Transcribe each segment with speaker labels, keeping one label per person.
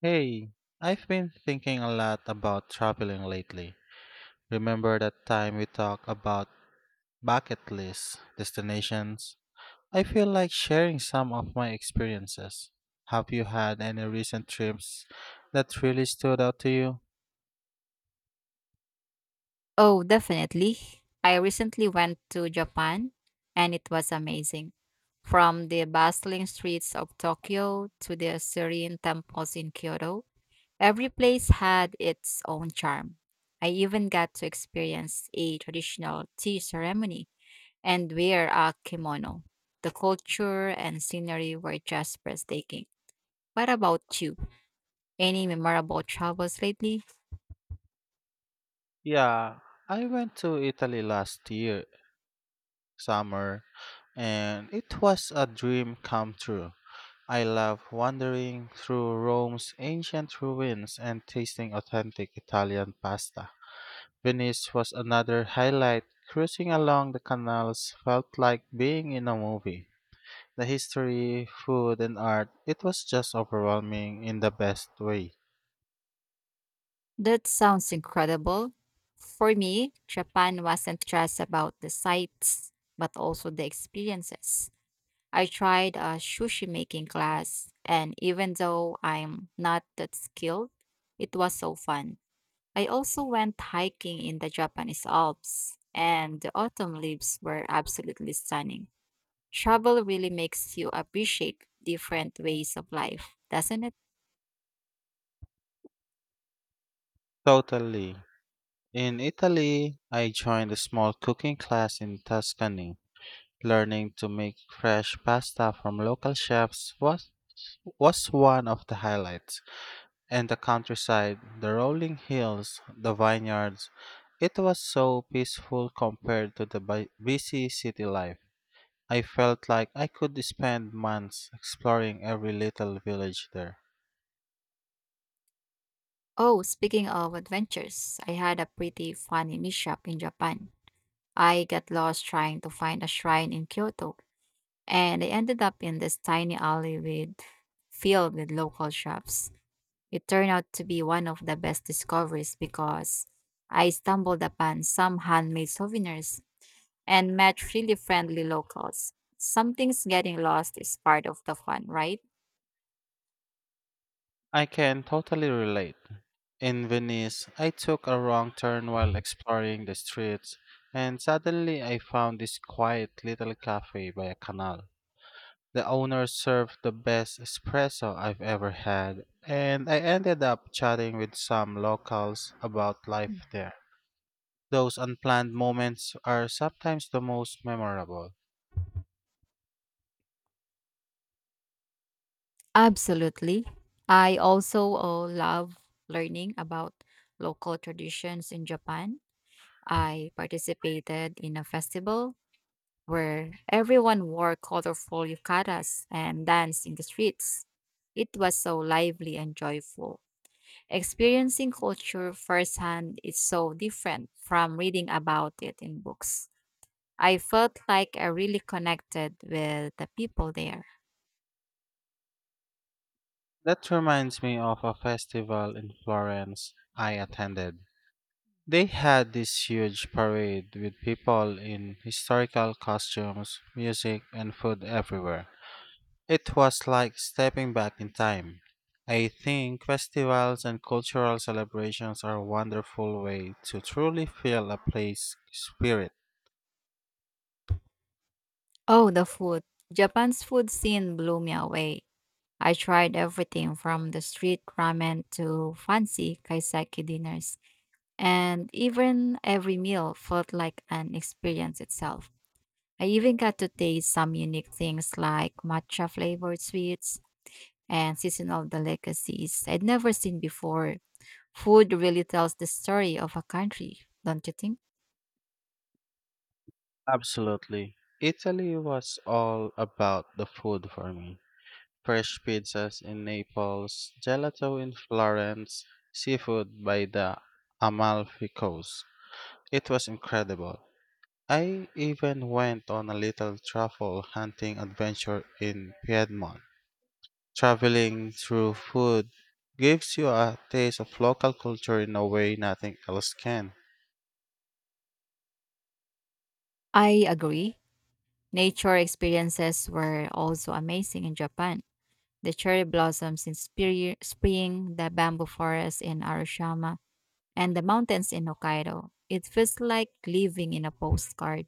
Speaker 1: Hey, I've been thinking a lot about traveling lately. Remember that time we talked about bucket list destinations? I feel like sharing some of my experiences. Have you had any recent trips that really stood out to you?
Speaker 2: Oh, definitely. I recently went to Japan and it was amazing. From the bustling streets of Tokyo to the serene temples in Kyoto, every place had its own charm. I even got to experience a traditional tea ceremony and wear a kimono. The culture and scenery were just breathtaking. What about you? Any memorable travels lately?
Speaker 1: Yeah, I went to Italy last year, summer, and it was a dream come true. I love wandering through Rome's ancient ruins and tasting authentic Italian pasta. Venice was another highlight. Cruising along the canals felt like being in a movie. The history, food, and art, it was just overwhelming in the best way.
Speaker 2: That sounds incredible. For me, Japan wasn't just about the sights, but also the experiences. I tried a sushi making class, and even though I'm not that skilled, it was so fun. I also went hiking in the Japanese Alps, and the autumn leaves were absolutely stunning. Travel really makes you appreciate different ways of life, doesn't it?
Speaker 1: Totally. In Italy, I joined a small cooking class in Tuscany. Learning to make fresh pasta from local chefs was one of the highlights. And the countryside, the rolling hills, the vineyards. It was so peaceful compared to the busy city life. I felt like I could spend months exploring every little village there.
Speaker 2: Oh, speaking of adventures, I had a pretty funny mishap in Japan. I got lost trying to find a shrine in Kyoto, and I ended up in this tiny alley with filled with local shops. It turned out to be one of the best discoveries because I stumbled upon some handmade souvenirs and met really friendly locals. Some things getting lost is part of the fun, right?
Speaker 1: I can totally relate. In Venice, I took a wrong turn while exploring the streets, and suddenly I found this quiet little cafe by a canal. The owner served the best espresso I've ever had, and I ended up chatting with some locals about life there. Those unplanned moments are sometimes the most memorable.
Speaker 2: Absolutely. I also love learning about local traditions in Japan. I participated in a festival where everyone wore colorful yukatas and danced in the streets. It was so lively and joyful. Experiencing culture firsthand is so different from reading about it in books. I felt like I really connected with the people there.
Speaker 1: That reminds me of a festival in Florence I attended. They had this huge parade with people in historical costumes, music, and food everywhere. It was like stepping back in time. I think festivals and cultural celebrations are a wonderful way to truly feel a place spirit.
Speaker 2: Oh, the food. Japan's food scene blew me away. I tried everything from the street ramen to fancy kaiseki dinners, and even every meal felt like an experience itself. I even got to taste some unique things like matcha flavored sweets and seasonal delicacies I'd never seen before. Food really tells the story of a country, don't you think?
Speaker 1: Absolutely. Italy was all about the food for me. Fresh pizzas in Naples, gelato in Florence, seafood by the Amalfi Coast. It was incredible. I even went on a little truffle hunting adventure in Piedmont. Traveling through food gives you a taste of local culture in a way nothing else can.
Speaker 2: I agree. Nature experiences were also amazing in Japan. The cherry blossoms in spring, the bamboo forest in Arashiyama, and the mountains in Hokkaido. It feels like living in a postcard.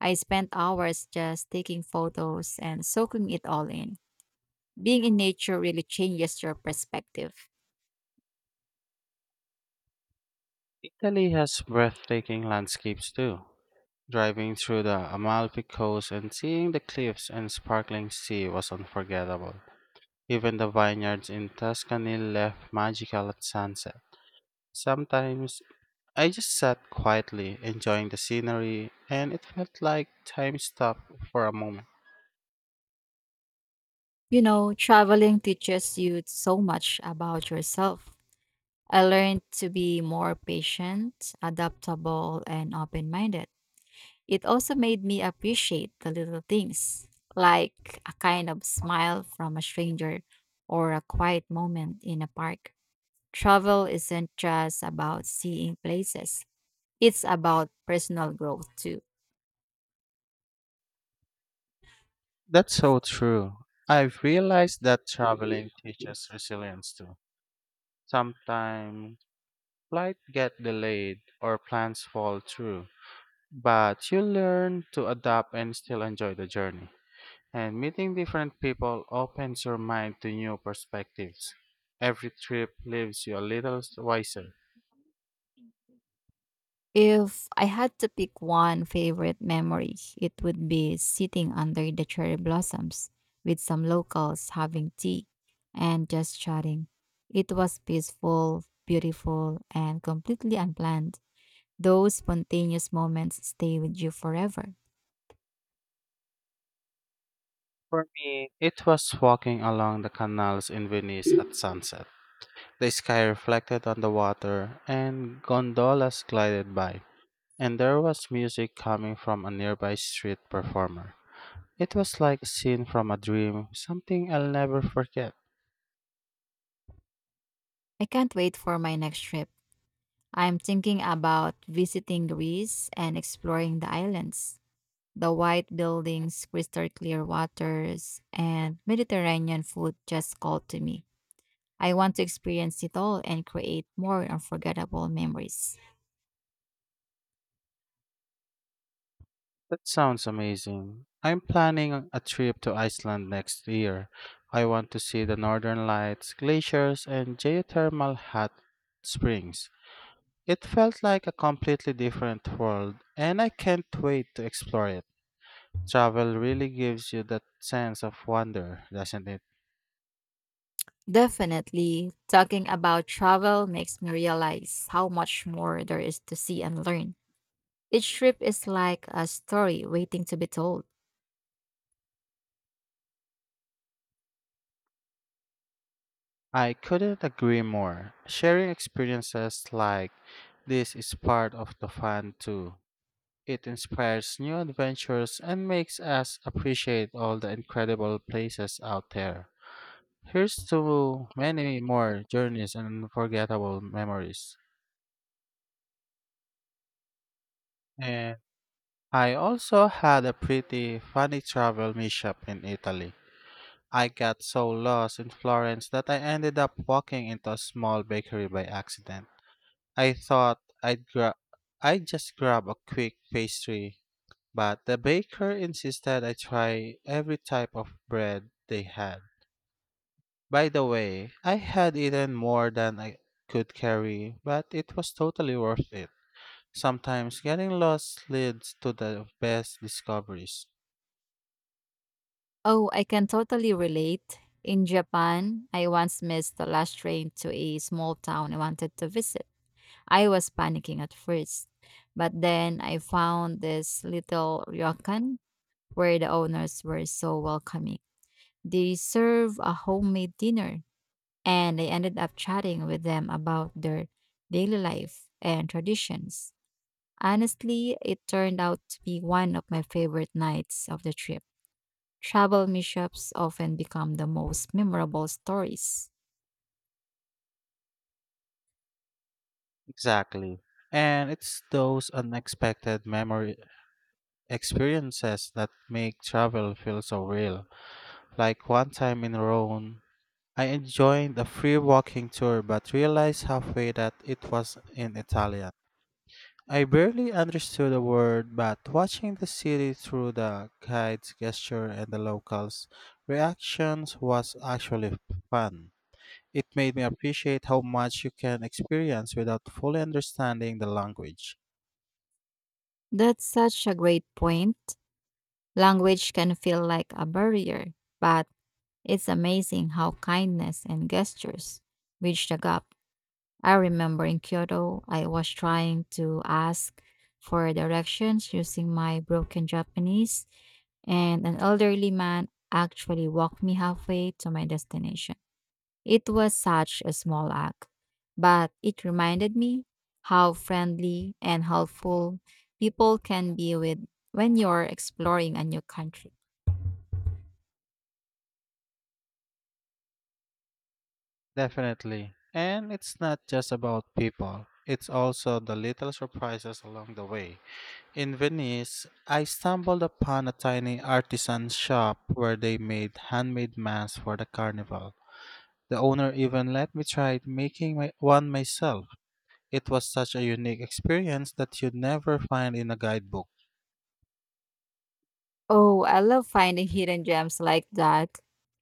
Speaker 2: I spent hours just taking photos and soaking it all in. Being in nature really changes your perspective.
Speaker 1: Italy has breathtaking landscapes too. Driving through the Amalfi Coast and seeing the cliffs and sparkling sea was unforgettable. Even the vineyards in Tuscany left magical at sunset. Sometimes I just sat quietly enjoying the scenery and it felt like time stopped for a moment.
Speaker 2: You know, traveling teaches you so much about yourself. I learned to be more patient, adaptable, and open minded. It also made me appreciate the little things, like a kind of smile from a stranger or a quiet moment in a park. Travel isn't just about seeing places, it's about personal growth too.
Speaker 1: That's so true. I've realized that traveling teaches resilience too. Sometimes flights get delayed or plans fall through, but you learn to adapt and still enjoy the journey. And meeting different people opens your mind to new perspectives. Every trip leaves you a little wiser.
Speaker 2: If I had to pick one favorite memory, it would be sitting under the cherry blossoms with some locals having tea and just chatting. It was peaceful, beautiful, and completely unplanned. Those spontaneous moments stay with you forever.
Speaker 1: For me, it was walking along the canals in Venice at sunset. The sky reflected on the water and gondolas glided by. And there was music coming from a nearby street performer. It was like a scene from a dream, something I'll never forget.
Speaker 2: I can't wait for my next trip. I'm thinking about visiting Greece and exploring the islands. The white buildings, crystal clear waters, and Mediterranean food just called to me. I want to experience it all and create more unforgettable memories.
Speaker 1: That sounds amazing. I'm planning a trip to Iceland next year. I want to see the northern lights, glaciers, and geothermal hot springs. It felt like a completely different world, and I can't wait to explore it. Travel really gives you that sense of wonder, doesn't it?
Speaker 2: Definitely, talking about travel makes me realize how much more there is to see and learn. Each trip is like a story waiting to be told.
Speaker 1: I couldn't agree more. Sharing experiences like this is part of the fun too. It inspires new adventures and makes us appreciate all the incredible places out there. Here's to many more journeys and unforgettable memories. And I also had a pretty funny travel mishap in Italy. I got so lost in Florence that I ended up walking into a small bakery by accident. I thought I'd gra- I'd just grab a quick pastry, but the baker insisted I try every type of bread they had. By the way, I had eaten more than I could carry, but it was totally worth it. Sometimes getting lost leads to the best discoveries.
Speaker 2: Oh, I can totally relate. In Japan, I once missed the last train to a small town I wanted to visit. I was panicking at first, but then I found this little ryokan where the owners were so welcoming. They serve a homemade dinner, and I ended up chatting with them about their daily life and traditions. Honestly, it turned out to be one of my favorite nights of the trip. Travel mishaps often become the most memorable stories.
Speaker 1: Exactly. And it's those unexpected memory experiences that make travel feel so real. Like one time in Rome, I enjoyed the free walking tour but realized halfway that it was in Italian. I barely understood a word, but watching the city through the guide's gesture and the locals' reactions was actually fun. It made me appreciate how much you can experience without fully understanding the language.
Speaker 2: That's such a great point. Language can feel like a barrier, but it's amazing how kindness and gestures bridge the gap. I remember in Kyoto, I was trying to ask for directions using my broken Japanese, and an elderly man actually walked me halfway to my destination. It was such a small act, but it reminded me how friendly and helpful people can be with when you're exploring a new country.
Speaker 1: Definitely. And it's not just about people, it's also the little surprises along the way. In Venice, I stumbled upon a tiny artisan shop where they made handmade masks for the carnival. The owner even let me try making my, one myself. It was such a unique experience that you'd never find in a guidebook.
Speaker 2: Oh, I love finding hidden gems like that.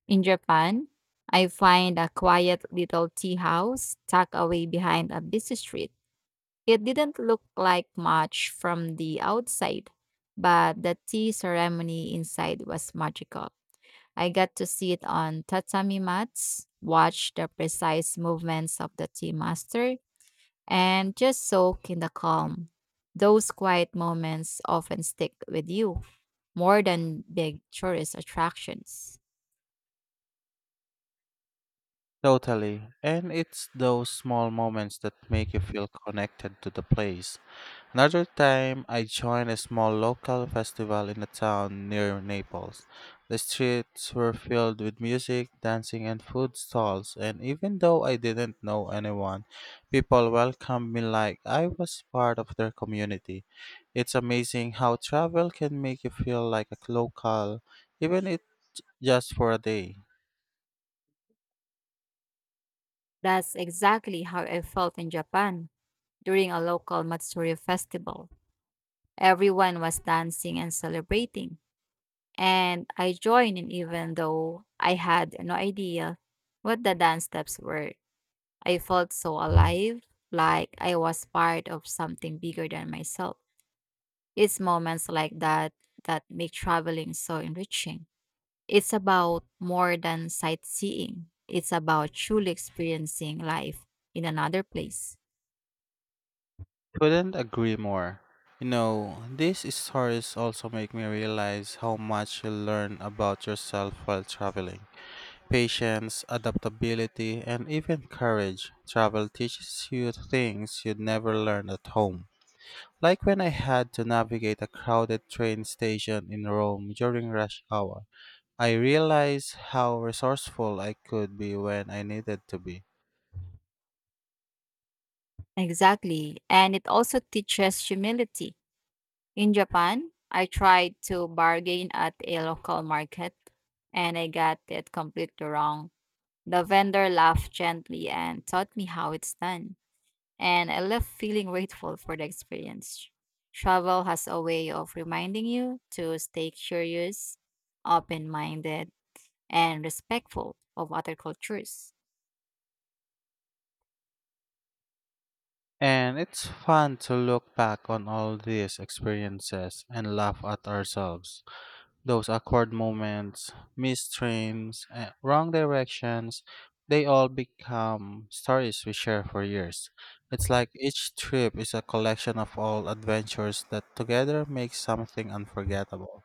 Speaker 2: In Japan, I find a quiet little tea house tucked away behind a busy street. It didn't look like much from the outside, but the tea ceremony inside was magical. I got to sit on tatami mats, watch the precise movements of the tea master, and just soak in the calm. Those quiet moments often stick with you more than big tourist attractions.
Speaker 1: Totally. And it's those small moments that make you feel connected to the place. Another time, I joined a small local festival in a town near Naples. The streets were filled with music, dancing, and food stalls, and even though I didn't know anyone, people welcomed me like I was part of their community. It's amazing how travel can make you feel like a local, even if just for a day.
Speaker 2: That's exactly how I felt in Japan during a local Matsuri festival. Everyone was dancing and celebrating, and I joined in even though I had no idea what the dance steps were. I felt so alive, like I was part of something bigger than myself. It's moments like that that make traveling so enriching. It's about more than sightseeing, it's about truly experiencing life in another place.
Speaker 1: Couldn't agree more. You know, these stories also make me realize how much you learn about yourself while traveling. Patience, adaptability, and even courage. Travel teaches you things you'd never learn at home. Like when I had to navigate a crowded train station in Rome during rush hour, I realized how resourceful I could be when I needed to be.
Speaker 2: Exactly. And it also teaches humility. In Japan, I tried to bargain at a local market and I got it completely wrong. The vendor laughed gently and taught me how it's done, and I left feeling grateful for the experience. Travel has a way of reminding you to stay curious, open minded, and respectful of other cultures.
Speaker 1: And it's fun to look back on all these experiences and laugh at ourselves. Those awkward moments, missed trains, and wrong directions, they all become stories we share for years. It's like each trip is a collection of all adventures that together make something unforgettable.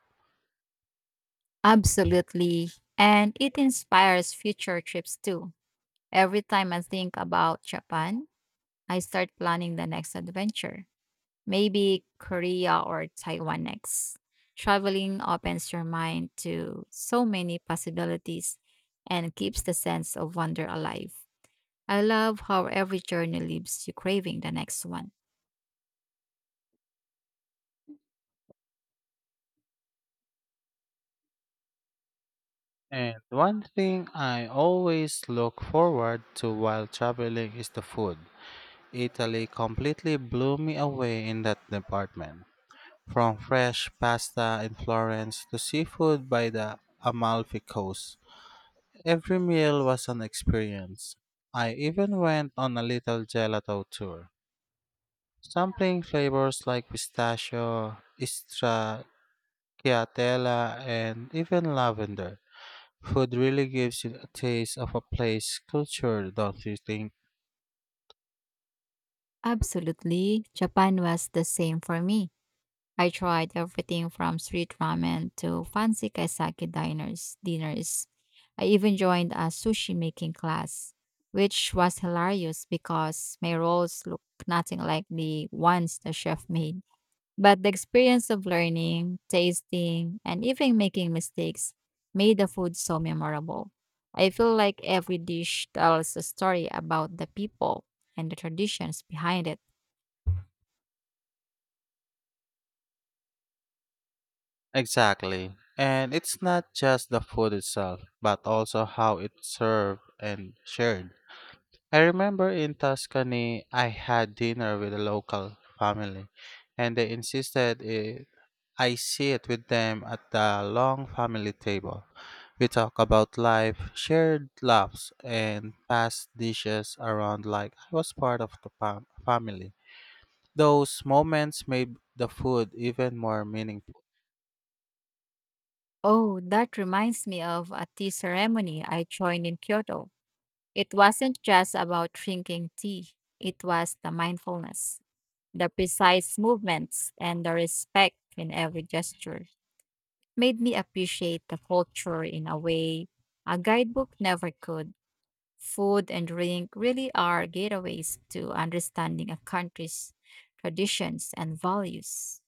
Speaker 2: Absolutely. And it inspires future trips too. Every time I think about Japan, I start planning the next adventure. Maybe Korea or Taiwan next. Traveling opens your mind to so many possibilities and keeps the sense of wonder alive. I love how every journey leaves you craving the next one.
Speaker 1: And one thing I always look forward to while traveling is the food. Italy completely blew me away in that department. From fresh pasta in Florence to seafood by the Amalfi Coast. Every meal was an experience. I even went on a little gelato tour, sampling flavors like pistachio, stracciatella, and even lavender. Food really gives you a taste of a place culture, don't you think?
Speaker 2: Absolutely, Japan was the same for me. I tried everything from street ramen to fancy kaisaki dinners. I even joined a sushi making class, which was hilarious because my rolls looked nothing like the ones the chef made. But the experience of learning, tasting, and even making mistakes made the food so memorable. I feel like every dish tells a story about the people and the traditions behind it.
Speaker 1: Exactly. And it's not just the food itself, but also how it's served and shared. I remember in Tuscany, I had dinner with a local family, and they insisted it I sit with them at the long family table. We talk about life, shared laughs, and pass dishes around like I was part of the family. Those moments made the food even more meaningful.
Speaker 2: Oh, that reminds me of a tea ceremony I joined in Kyoto. It wasn't just about drinking tea, it was the mindfulness, the precise movements, and the respect in every gesture. Made me appreciate the culture in a way a guidebook never could. Food and drink really are gateways to understanding a country's traditions and values.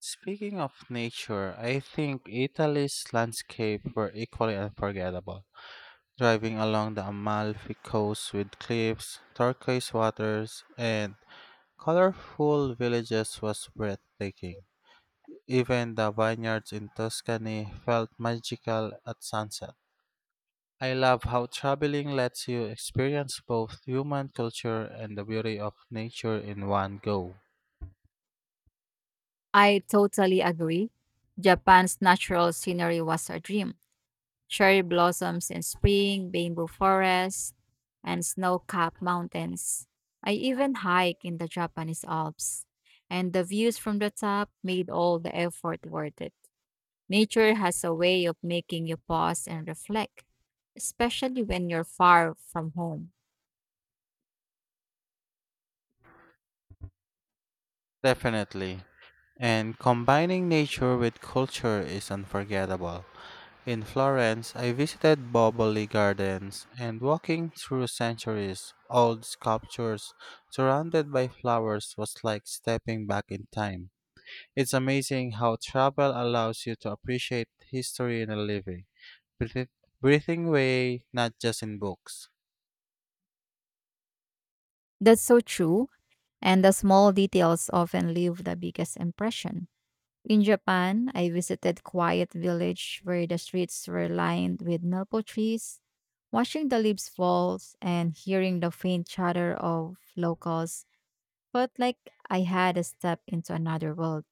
Speaker 1: Speaking of nature, I think Italy's landscape were equally unforgettable. Driving along the Amalfi coast with cliffs, turquoise waters, and colorful villages was breathtaking. Even the vineyards in Tuscany felt magical at sunset. I love how traveling lets you experience both human culture and the beauty of nature in one go.
Speaker 2: I totally agree. Japan's natural scenery was a dream cherry blossoms in spring, bamboo forests, and snow capped mountains. I even hike in the Japanese Alps, and the views from the top made all the effort worth it. Nature has a way of making you pause and reflect, especially when you're far from home.
Speaker 1: Definitely. And combining nature with culture is unforgettable. In Florence, I visited Boboli Gardens and walking through centuries old sculptures surrounded by flowers was like stepping back in time. It's amazing how travel allows you to appreciate history in a living, breathi- breathing way, not just in books.
Speaker 2: That's so true, and the small details often leave the biggest impression. In Japan, I visited quiet village where the streets were lined with maple trees. Watching the leaves fall and hearing the faint chatter of locals felt like I had a step into another world.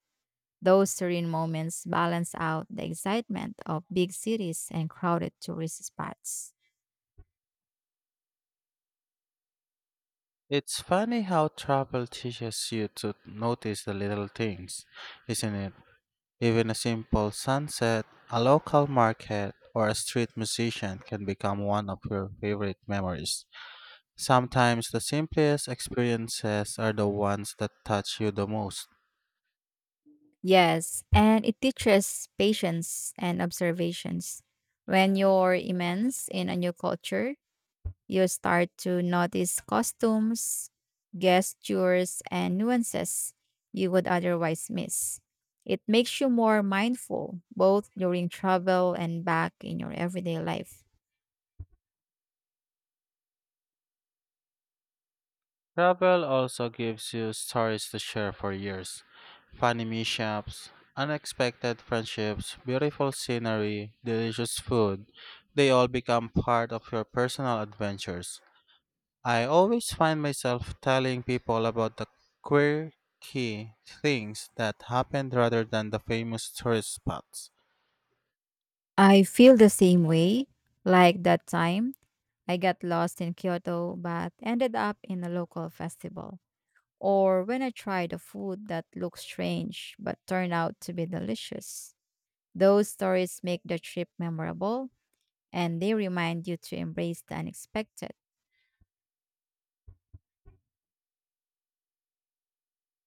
Speaker 2: Those serene moments balance out the excitement of big cities and crowded tourist spots.
Speaker 1: It's funny how travel teaches you to notice the little things, isn't it? Even a simple sunset, a local market, or a street musician can become one of your favorite memories. Sometimes the simplest experiences are the ones that touch you the most.
Speaker 2: Yes, and it teaches patience and observations. When you're immersed in a new culture, you start to notice costumes, gestures, and nuances you would otherwise miss. It makes you more mindful, both during travel and back in your everyday life.
Speaker 1: Travel also gives you stories to share for years. Funny mishaps, unexpected friendships, beautiful scenery, delicious food. They all become part of your personal adventures. I always find myself telling people about the quirky things that happened rather than the famous tourist spots.
Speaker 2: I feel the same way. Like that time, I got lost in Kyoto but ended up in a local festival. Or when I tried a food that looked strange but turned out to be delicious. Those stories make the trip memorable and they remind you to embrace the unexpected.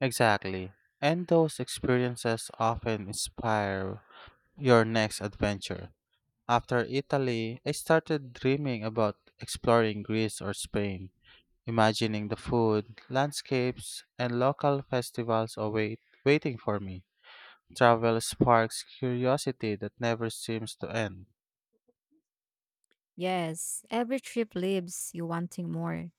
Speaker 1: Exactly. And those experiences often inspire your next adventure. After Italy, I started dreaming about exploring Greece or Spain, imagining the food, landscapes, and local festivals await waiting for me. Travel sparks curiosity that never seems to end.
Speaker 2: Yes, every trip leaves you wanting more.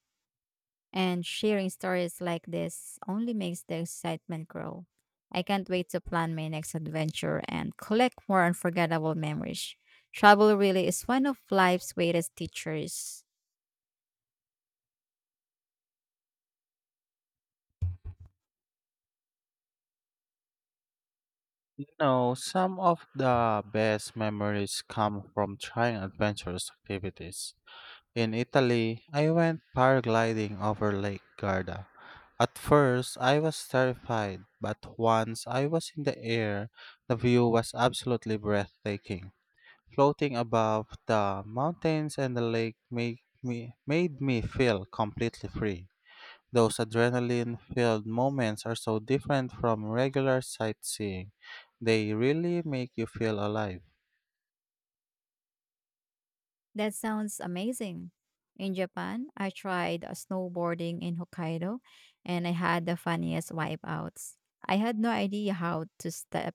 Speaker 2: And sharing stories like this only makes the excitement grow. I can't wait to plan my next adventure and collect more unforgettable memories. Travel really is one of life's greatest teachers.
Speaker 1: You know, some of the best memories come from trying adventurous activities. In Italy, I went paragliding over Lake Garda. At first, I was terrified, but once I was in the air, the view was absolutely breathtaking. Floating above the mountains and the lake made me feel completely free. Those adrenaline filled moments are so different from regular sightseeing. They really make you feel alive.
Speaker 2: That sounds amazing. In Japan, I tried snowboarding in Hokkaido and I had the funniest wipeouts. I had no idea how to step,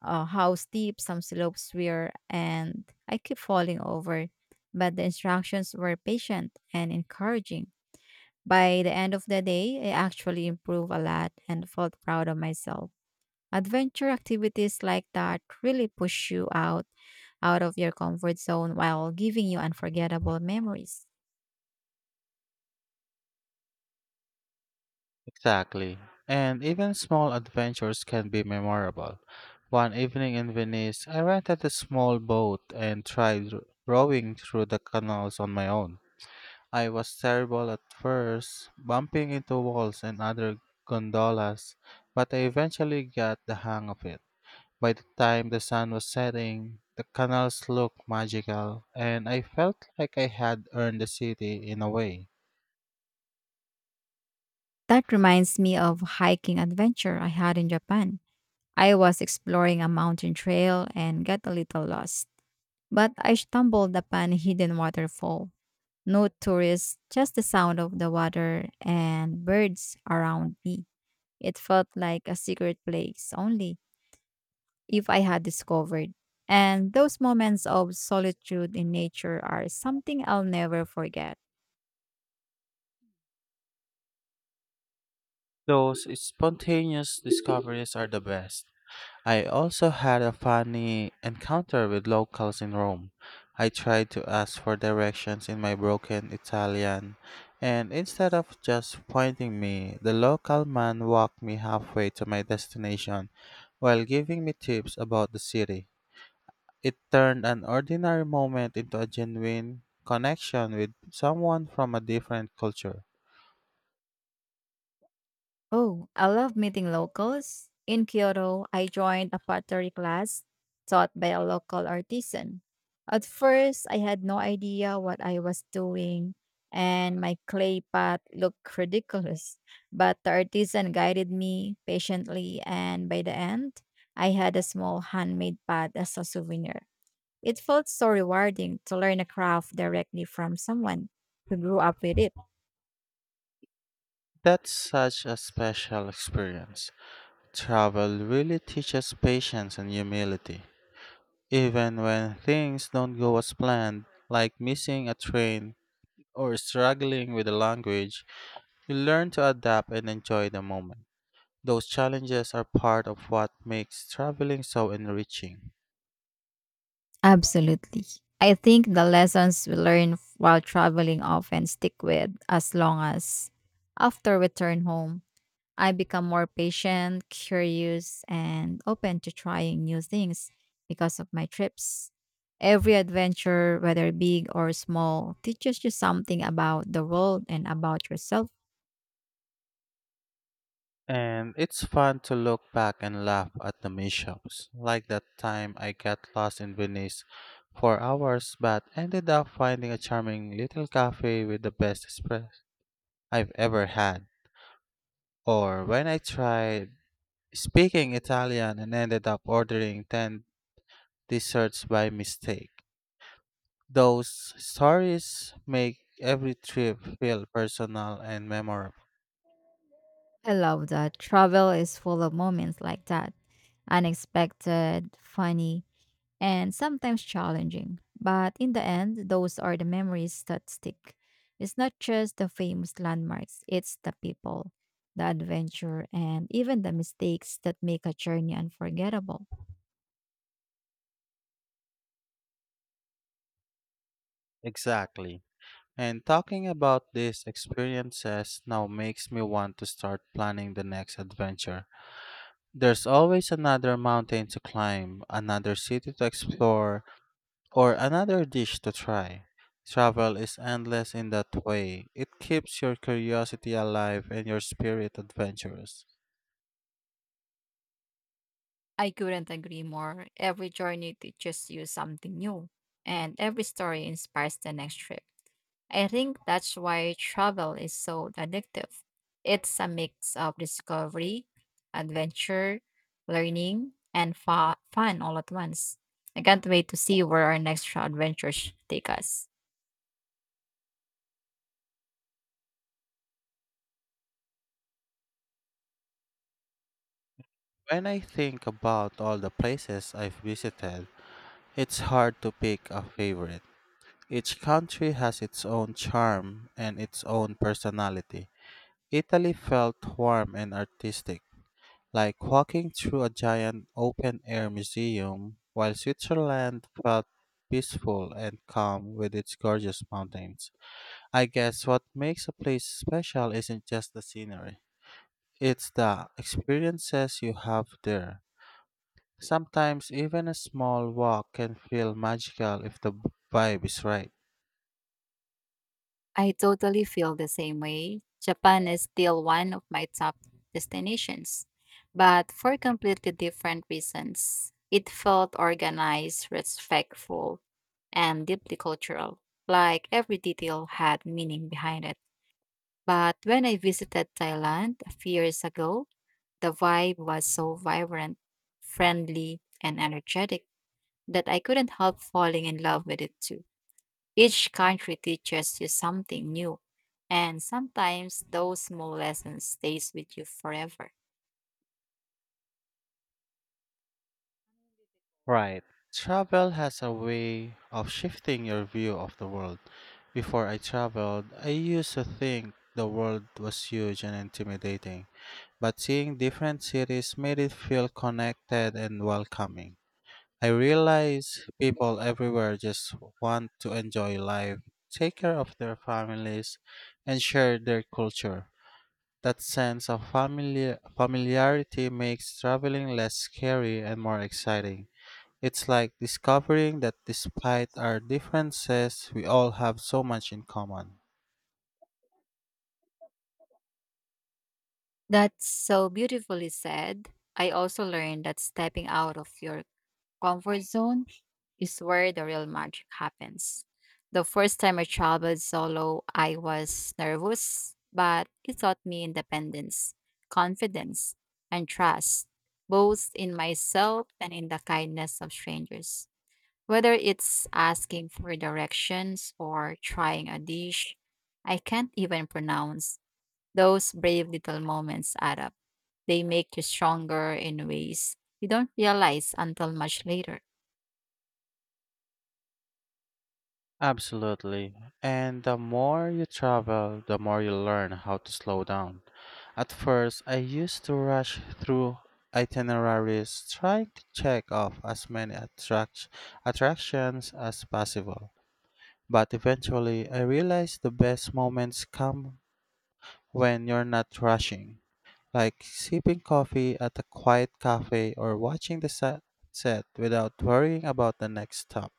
Speaker 2: uh, how steep some slopes were, and I kept falling over. But the instructions were patient and encouraging. By the end of the day, I actually improved a lot and felt proud of myself. Adventure activities like that really push you out of your comfort zone while giving you unforgettable memories.
Speaker 1: Exactly. And even small adventures can be memorable. One evening in Venice, I rented a small boat and tried rowing through the canals on my own. I was terrible at first, bumping into walls and other gondolas, but I eventually got the hang of it. By the time the sun was setting, the canals looked magical, and I felt like I had earned the city in a way.
Speaker 2: That reminds me of hiking adventure I had in Japan. I was exploring a mountain trail and got a little lost, but I stumbled upon a hidden waterfall. No tourists, just the sound of the water and birds around me. It felt like a secret place only if I had discovered. And those moments of solitude in nature are something I'll never forget.
Speaker 1: Those spontaneous discoveries are the best. I also had a funny encounter with locals in Rome. I tried to ask for directions in my broken Italian, and instead of just pointing me, the local man walked me halfway to my destination while giving me tips about the city. It turned an ordinary moment into a genuine connection with someone from a different culture.
Speaker 2: Oh, I love meeting locals. In Kyoto, I joined a pottery class taught by a local artisan. At first, I had no idea what I was doing, and my clay pot looked ridiculous. But the artisan guided me patiently, and by the end, I had a small handmade pot as a souvenir. It felt so rewarding to learn a craft directly from someone who grew up with it.
Speaker 1: That's such a special experience. Travel really teaches patience and humility. Even when things don't go as planned, like missing a train or struggling with the language, you learn to adapt and enjoy the moment. Those challenges are part of what makes traveling so enriching.
Speaker 2: Absolutely. I think the lessons we learn while traveling often stick with as long as after return home, I become more patient, curious, and open to trying new things because of my trips. Every adventure, whether big or small, teaches you something about the world and about yourself.
Speaker 1: And it's fun to look back and laugh at the mishaps, like that time I got lost in Venice for hours but ended up finding a charming little cafe with the best espresso I've ever had. Or when I tried speaking Italian and ended up ordering 10 desserts by mistake. Those stories make every trip feel personal and memorable.
Speaker 2: I love that travel is full of moments like that unexpected, funny, and sometimes challenging. But in the end, those are the memories that stick. It's not just the famous landmarks, it's the people, the adventure, and even the mistakes that make a journey unforgettable.
Speaker 1: Exactly. And talking about these experiences now makes me want to start planning the next adventure. There's always another mountain to climb, another city to explore, or another dish to try. Travel is endless in that way. It keeps your curiosity alive and your spirit adventurous.
Speaker 2: I couldn't agree more. Every journey teaches you something new, and every story inspires the next trip. I think that's why travel is so addictive. It's a mix of discovery, adventure, learning, and fun all at once. I can't wait to see where our next adventures take us.
Speaker 1: When I think about all the places I've visited, it's hard to pick a favorite. Each country has its own charm and its own personality. Italy felt warm and artistic, like walking through a giant open air museum, while Switzerland felt peaceful and calm with its gorgeous mountains. I guess what makes a place special isn't just the scenery, it's the experiences you have there. Sometimes even a small walk can feel magical if the vibe is right.
Speaker 2: I totally feel the same way. Japan is still one of my top destinations, but for completely different reasons. It felt organized, respectful, and deeply cultural, like every detail had meaning behind it. But when I visited Thailand a few years ago, the vibe was so vibrant, friendly, and energetic that I couldn't help falling in love with it too. Each country teaches you something new, and sometimes those small lessons stays with you forever.
Speaker 1: Right. Travel has a way of shifting your view of the world. Before I traveled, I used to think the world was huge and intimidating, but seeing different cities made it feel connected and welcoming. I realize people everywhere just want to enjoy life, take care of their families, and share their culture. That sense of familiarity makes traveling less scary and more exciting. It's like discovering that despite our differences, we all have so much in common.
Speaker 2: That's so beautifully said. I also learned that stepping out of your comfort zone is where the real magic happens. The first time I traveled solo, I was nervous, but it taught me independence, confidence, and trust, both in myself and in the kindness of strangers. Whether it's asking for directions or trying a dish I can't even pronounce, those brave little moments add up. They make you stronger in ways you don't realize until much later.
Speaker 1: Absolutely. And the more you travel, the more you learn how to slow down. At first, I used to rush through itineraries trying to check off as many attractions as possible. But eventually, I realized the best moments come when you're not rushing, like sipping coffee at a quiet cafe or watching the sunset without worrying about the next stop.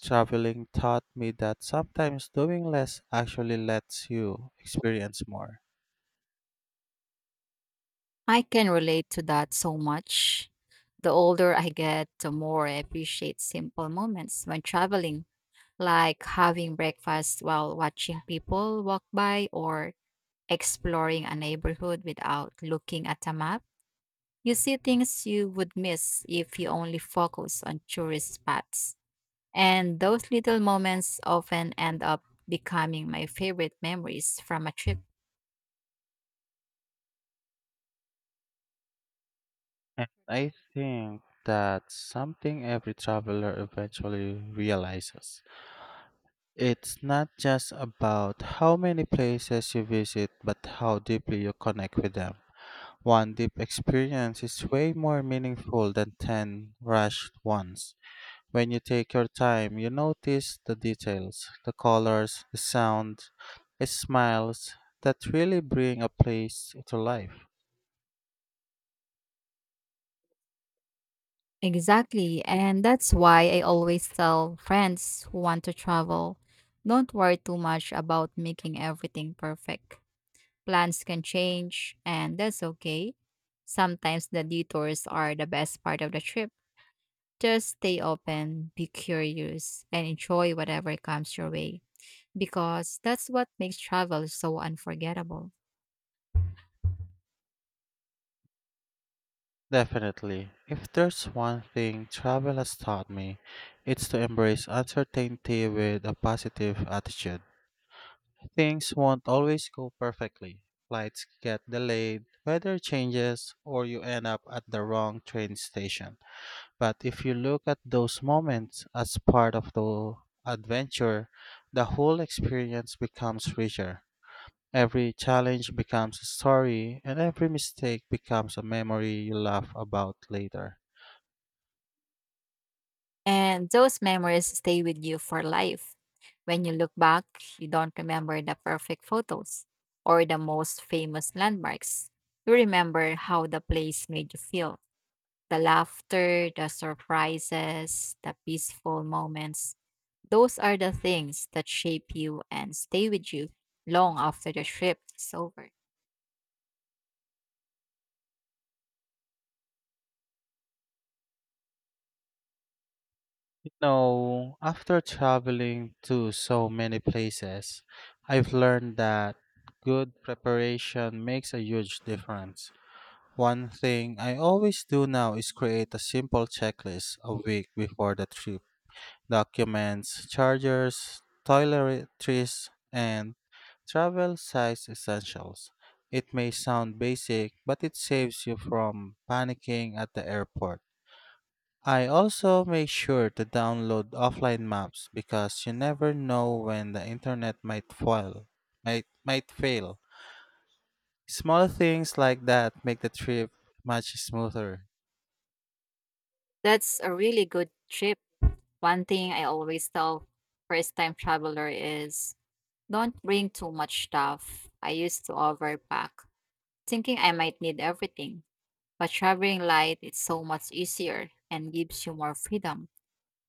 Speaker 1: Traveling taught me that sometimes doing less actually lets you experience more.
Speaker 2: I can relate to that so much. The older I get, the more I appreciate simple moments when traveling, like having breakfast while watching people walk by or exploring a neighborhood without looking at a map. You see things you would miss if you only focus on tourist spots. And those little moments often end up becoming my favorite memories from a trip.
Speaker 1: And I think that's something every traveler eventually realizes. It's not just about how many places you visit, but how deeply you connect with them. One deep experience is way more meaningful than 10 rushed ones. When you take your time, you notice the details, the colors, the sound, the smiles that really bring a place to life.
Speaker 2: Exactly. And that's why I always tell friends who want to travel don't worry too much about making everything perfect. Plans can change, and that's okay. Sometimes the detours are the best part of the trip. Just stay open, be curious, and enjoy whatever comes your way because that's what makes travel so unforgettable.
Speaker 1: Definitely. If there's one thing travel has taught me, it's to embrace uncertainty with a positive attitude. Things won't always go perfectly. Flights get delayed, weather changes, or you end up at the wrong train station. But if you look at those moments as part of the adventure, the whole experience becomes richer. Every challenge becomes a story, and every mistake becomes a memory you laugh about later.
Speaker 2: And those memories stay with you for life. When you look back, you don't remember the perfect photos or the most famous landmarks. You remember how the place made you feel the laughter, the surprises, the peaceful moments. Those are the things that shape you and stay with you long after the trip is over.
Speaker 1: You know, after traveling to so many places, I've learned that good preparation makes a huge difference. One thing I always do now is create a simple checklist a week before the trip: documents, chargers, toiletries, and travel size essentials. It may sound basic, but it saves you from panicking at the airport. I also make sure to download offline maps because you never know when the internet might fail. Might fail. Small things like that make the trip much smoother.
Speaker 2: That's a really good trip. One thing I always tell first time traveler is don't bring too much stuff. I used to overpack, thinking I might need everything. But traveling light is so much easier and gives you more freedom.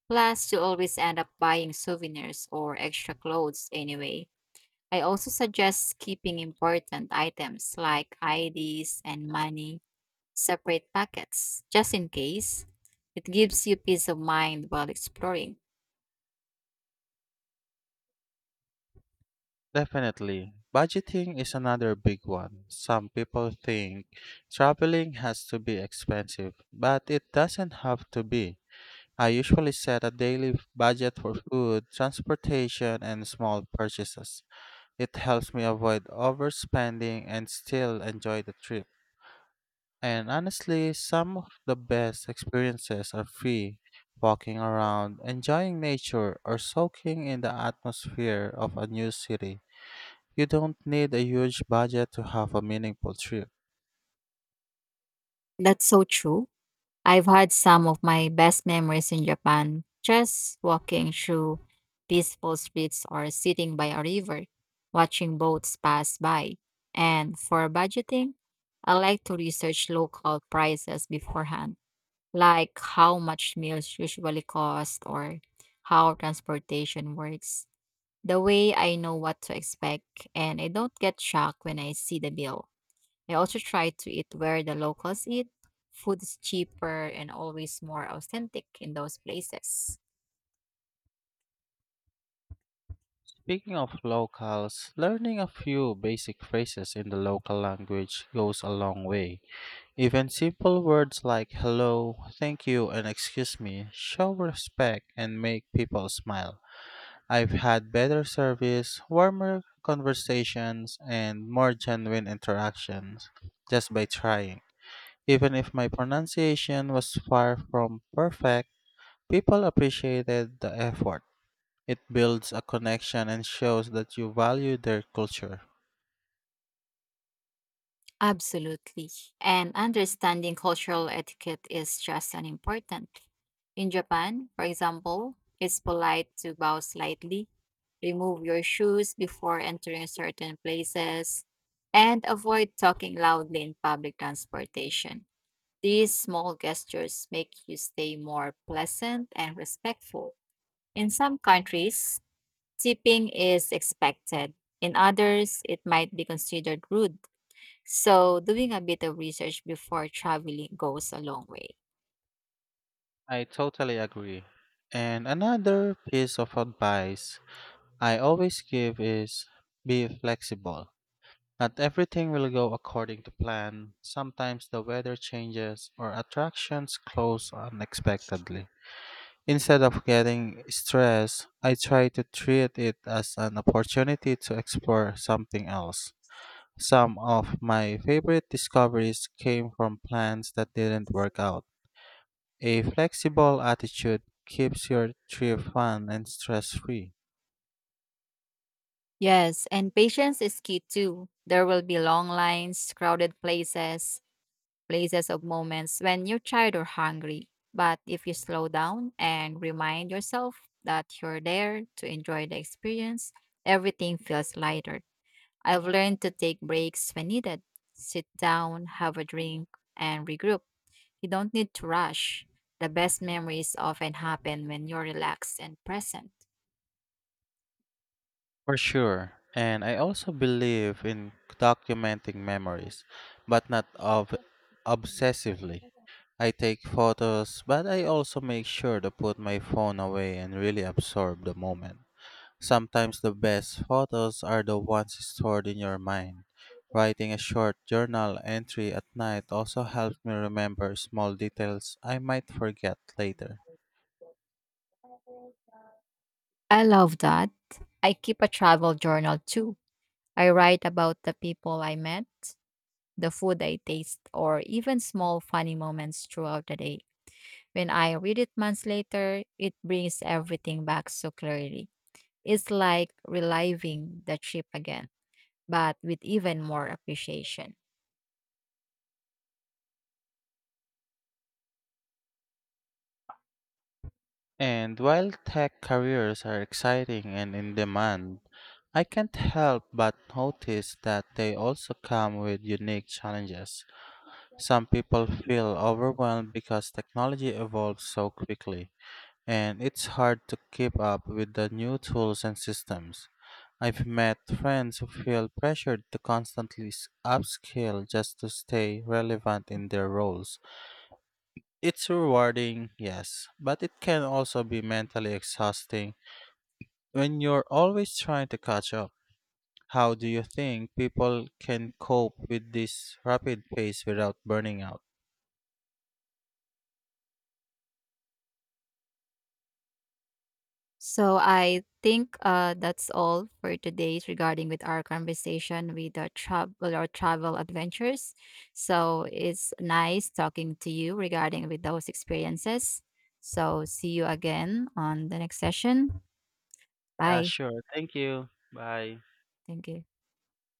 Speaker 2: Plus, you always end up buying souvenirs or extra clothes anyway. I also suggest keeping important items like IDs and money separate packets, just in case. It gives you peace of mind while exploring.
Speaker 1: Definitely. Budgeting is another big one. Some people think traveling has to be expensive, but it doesn't have to be. I usually set a daily budget for food, transportation, and small purchases. It helps me avoid overspending and still enjoy the trip. And honestly, some of the best experiences are free, walking around, enjoying nature, or soaking in the atmosphere of a new city. You don't need a huge budget to have a meaningful trip.
Speaker 2: That's so true. I've had some of my best memories in Japan just walking through peaceful streets or sitting by a river, watching boats pass by. And for budgeting, I like to research local prices beforehand, like how much meals usually cost or how transportation works. The way I know what to expect and I don't get shocked when I see the bill. I also try to eat where the locals eat. Food is cheaper and always more authentic in those places.
Speaker 1: Speaking of locals, learning a few basic phrases in the local language goes a long way. Even simple words like hello, thank you, and excuse me show respect and make people smile. I've had better service, warmer conversations, and more genuine interactions just by trying. Even if my pronunciation was far from perfect, people appreciated the effort. It builds a connection and shows that you value their culture.
Speaker 2: Absolutely. And understanding cultural etiquette is just as important. In Japan, for example, it's polite to bow slightly, remove your shoes before entering certain places, and avoid talking loudly in public transportation. These small gestures make you stay more pleasant and respectful. In some countries, tipping is expected. In others, it might be considered rude. So, doing a bit of research before traveling goes a long way.
Speaker 1: I totally agree. And another piece of advice I always give is: be flexible. Not everything will go according to plan. Sometimes the weather changes or attractions close unexpectedly. Instead of getting stressed, I try to treat it as an opportunity to explore something else. Some of my favorite discoveries came from plans that didn't work out. A flexible attitude keeps your trip fun and stress free.
Speaker 2: Yes, and patience is key too. There will be long lines, crowded places, places of moments when you're tired or hungry. But if you slow down and remind yourself that you're there to enjoy the experience, everything feels lighter. I've learned to take breaks when needed, sit down, have a drink, and regroup. You don't need to rush. The best memories often happen when you're relaxed and present.
Speaker 1: For sure. And I also believe in documenting memories, but not obsessively. I take photos, but I also make sure to put my phone away and really absorb the moment. Sometimes the best photos are the ones stored in your mind. Writing a short journal entry at night also helps me remember small details I might forget later.
Speaker 2: I love that. I keep a travel journal too. I write about the people I met, the food I taste, or even small funny moments throughout the day. When I read it months later, it brings everything back so clearly. It's like reliving the trip again, but with even more appreciation.
Speaker 1: And while tech careers are exciting and in demand, I can't help but notice that they also come with unique challenges. Some people feel overwhelmed because technology evolves so quickly, and it's hard to keep up with the new tools and systems. I've met friends who feel pressured to constantly upskill just to stay relevant in their roles. It's rewarding, yes, but it can also be mentally exhausting when you're always trying to catch up. How do you think people can cope with this rapid pace without burning out?
Speaker 2: So I think that's all for today's regarding with our conversation with the travel or travel adventures. So it's nice talking to you regarding with those experiences. So see you again on the next session.
Speaker 1: Yeah,
Speaker 2: Bye.
Speaker 1: sure. Thank you. Bye.
Speaker 2: Thank you.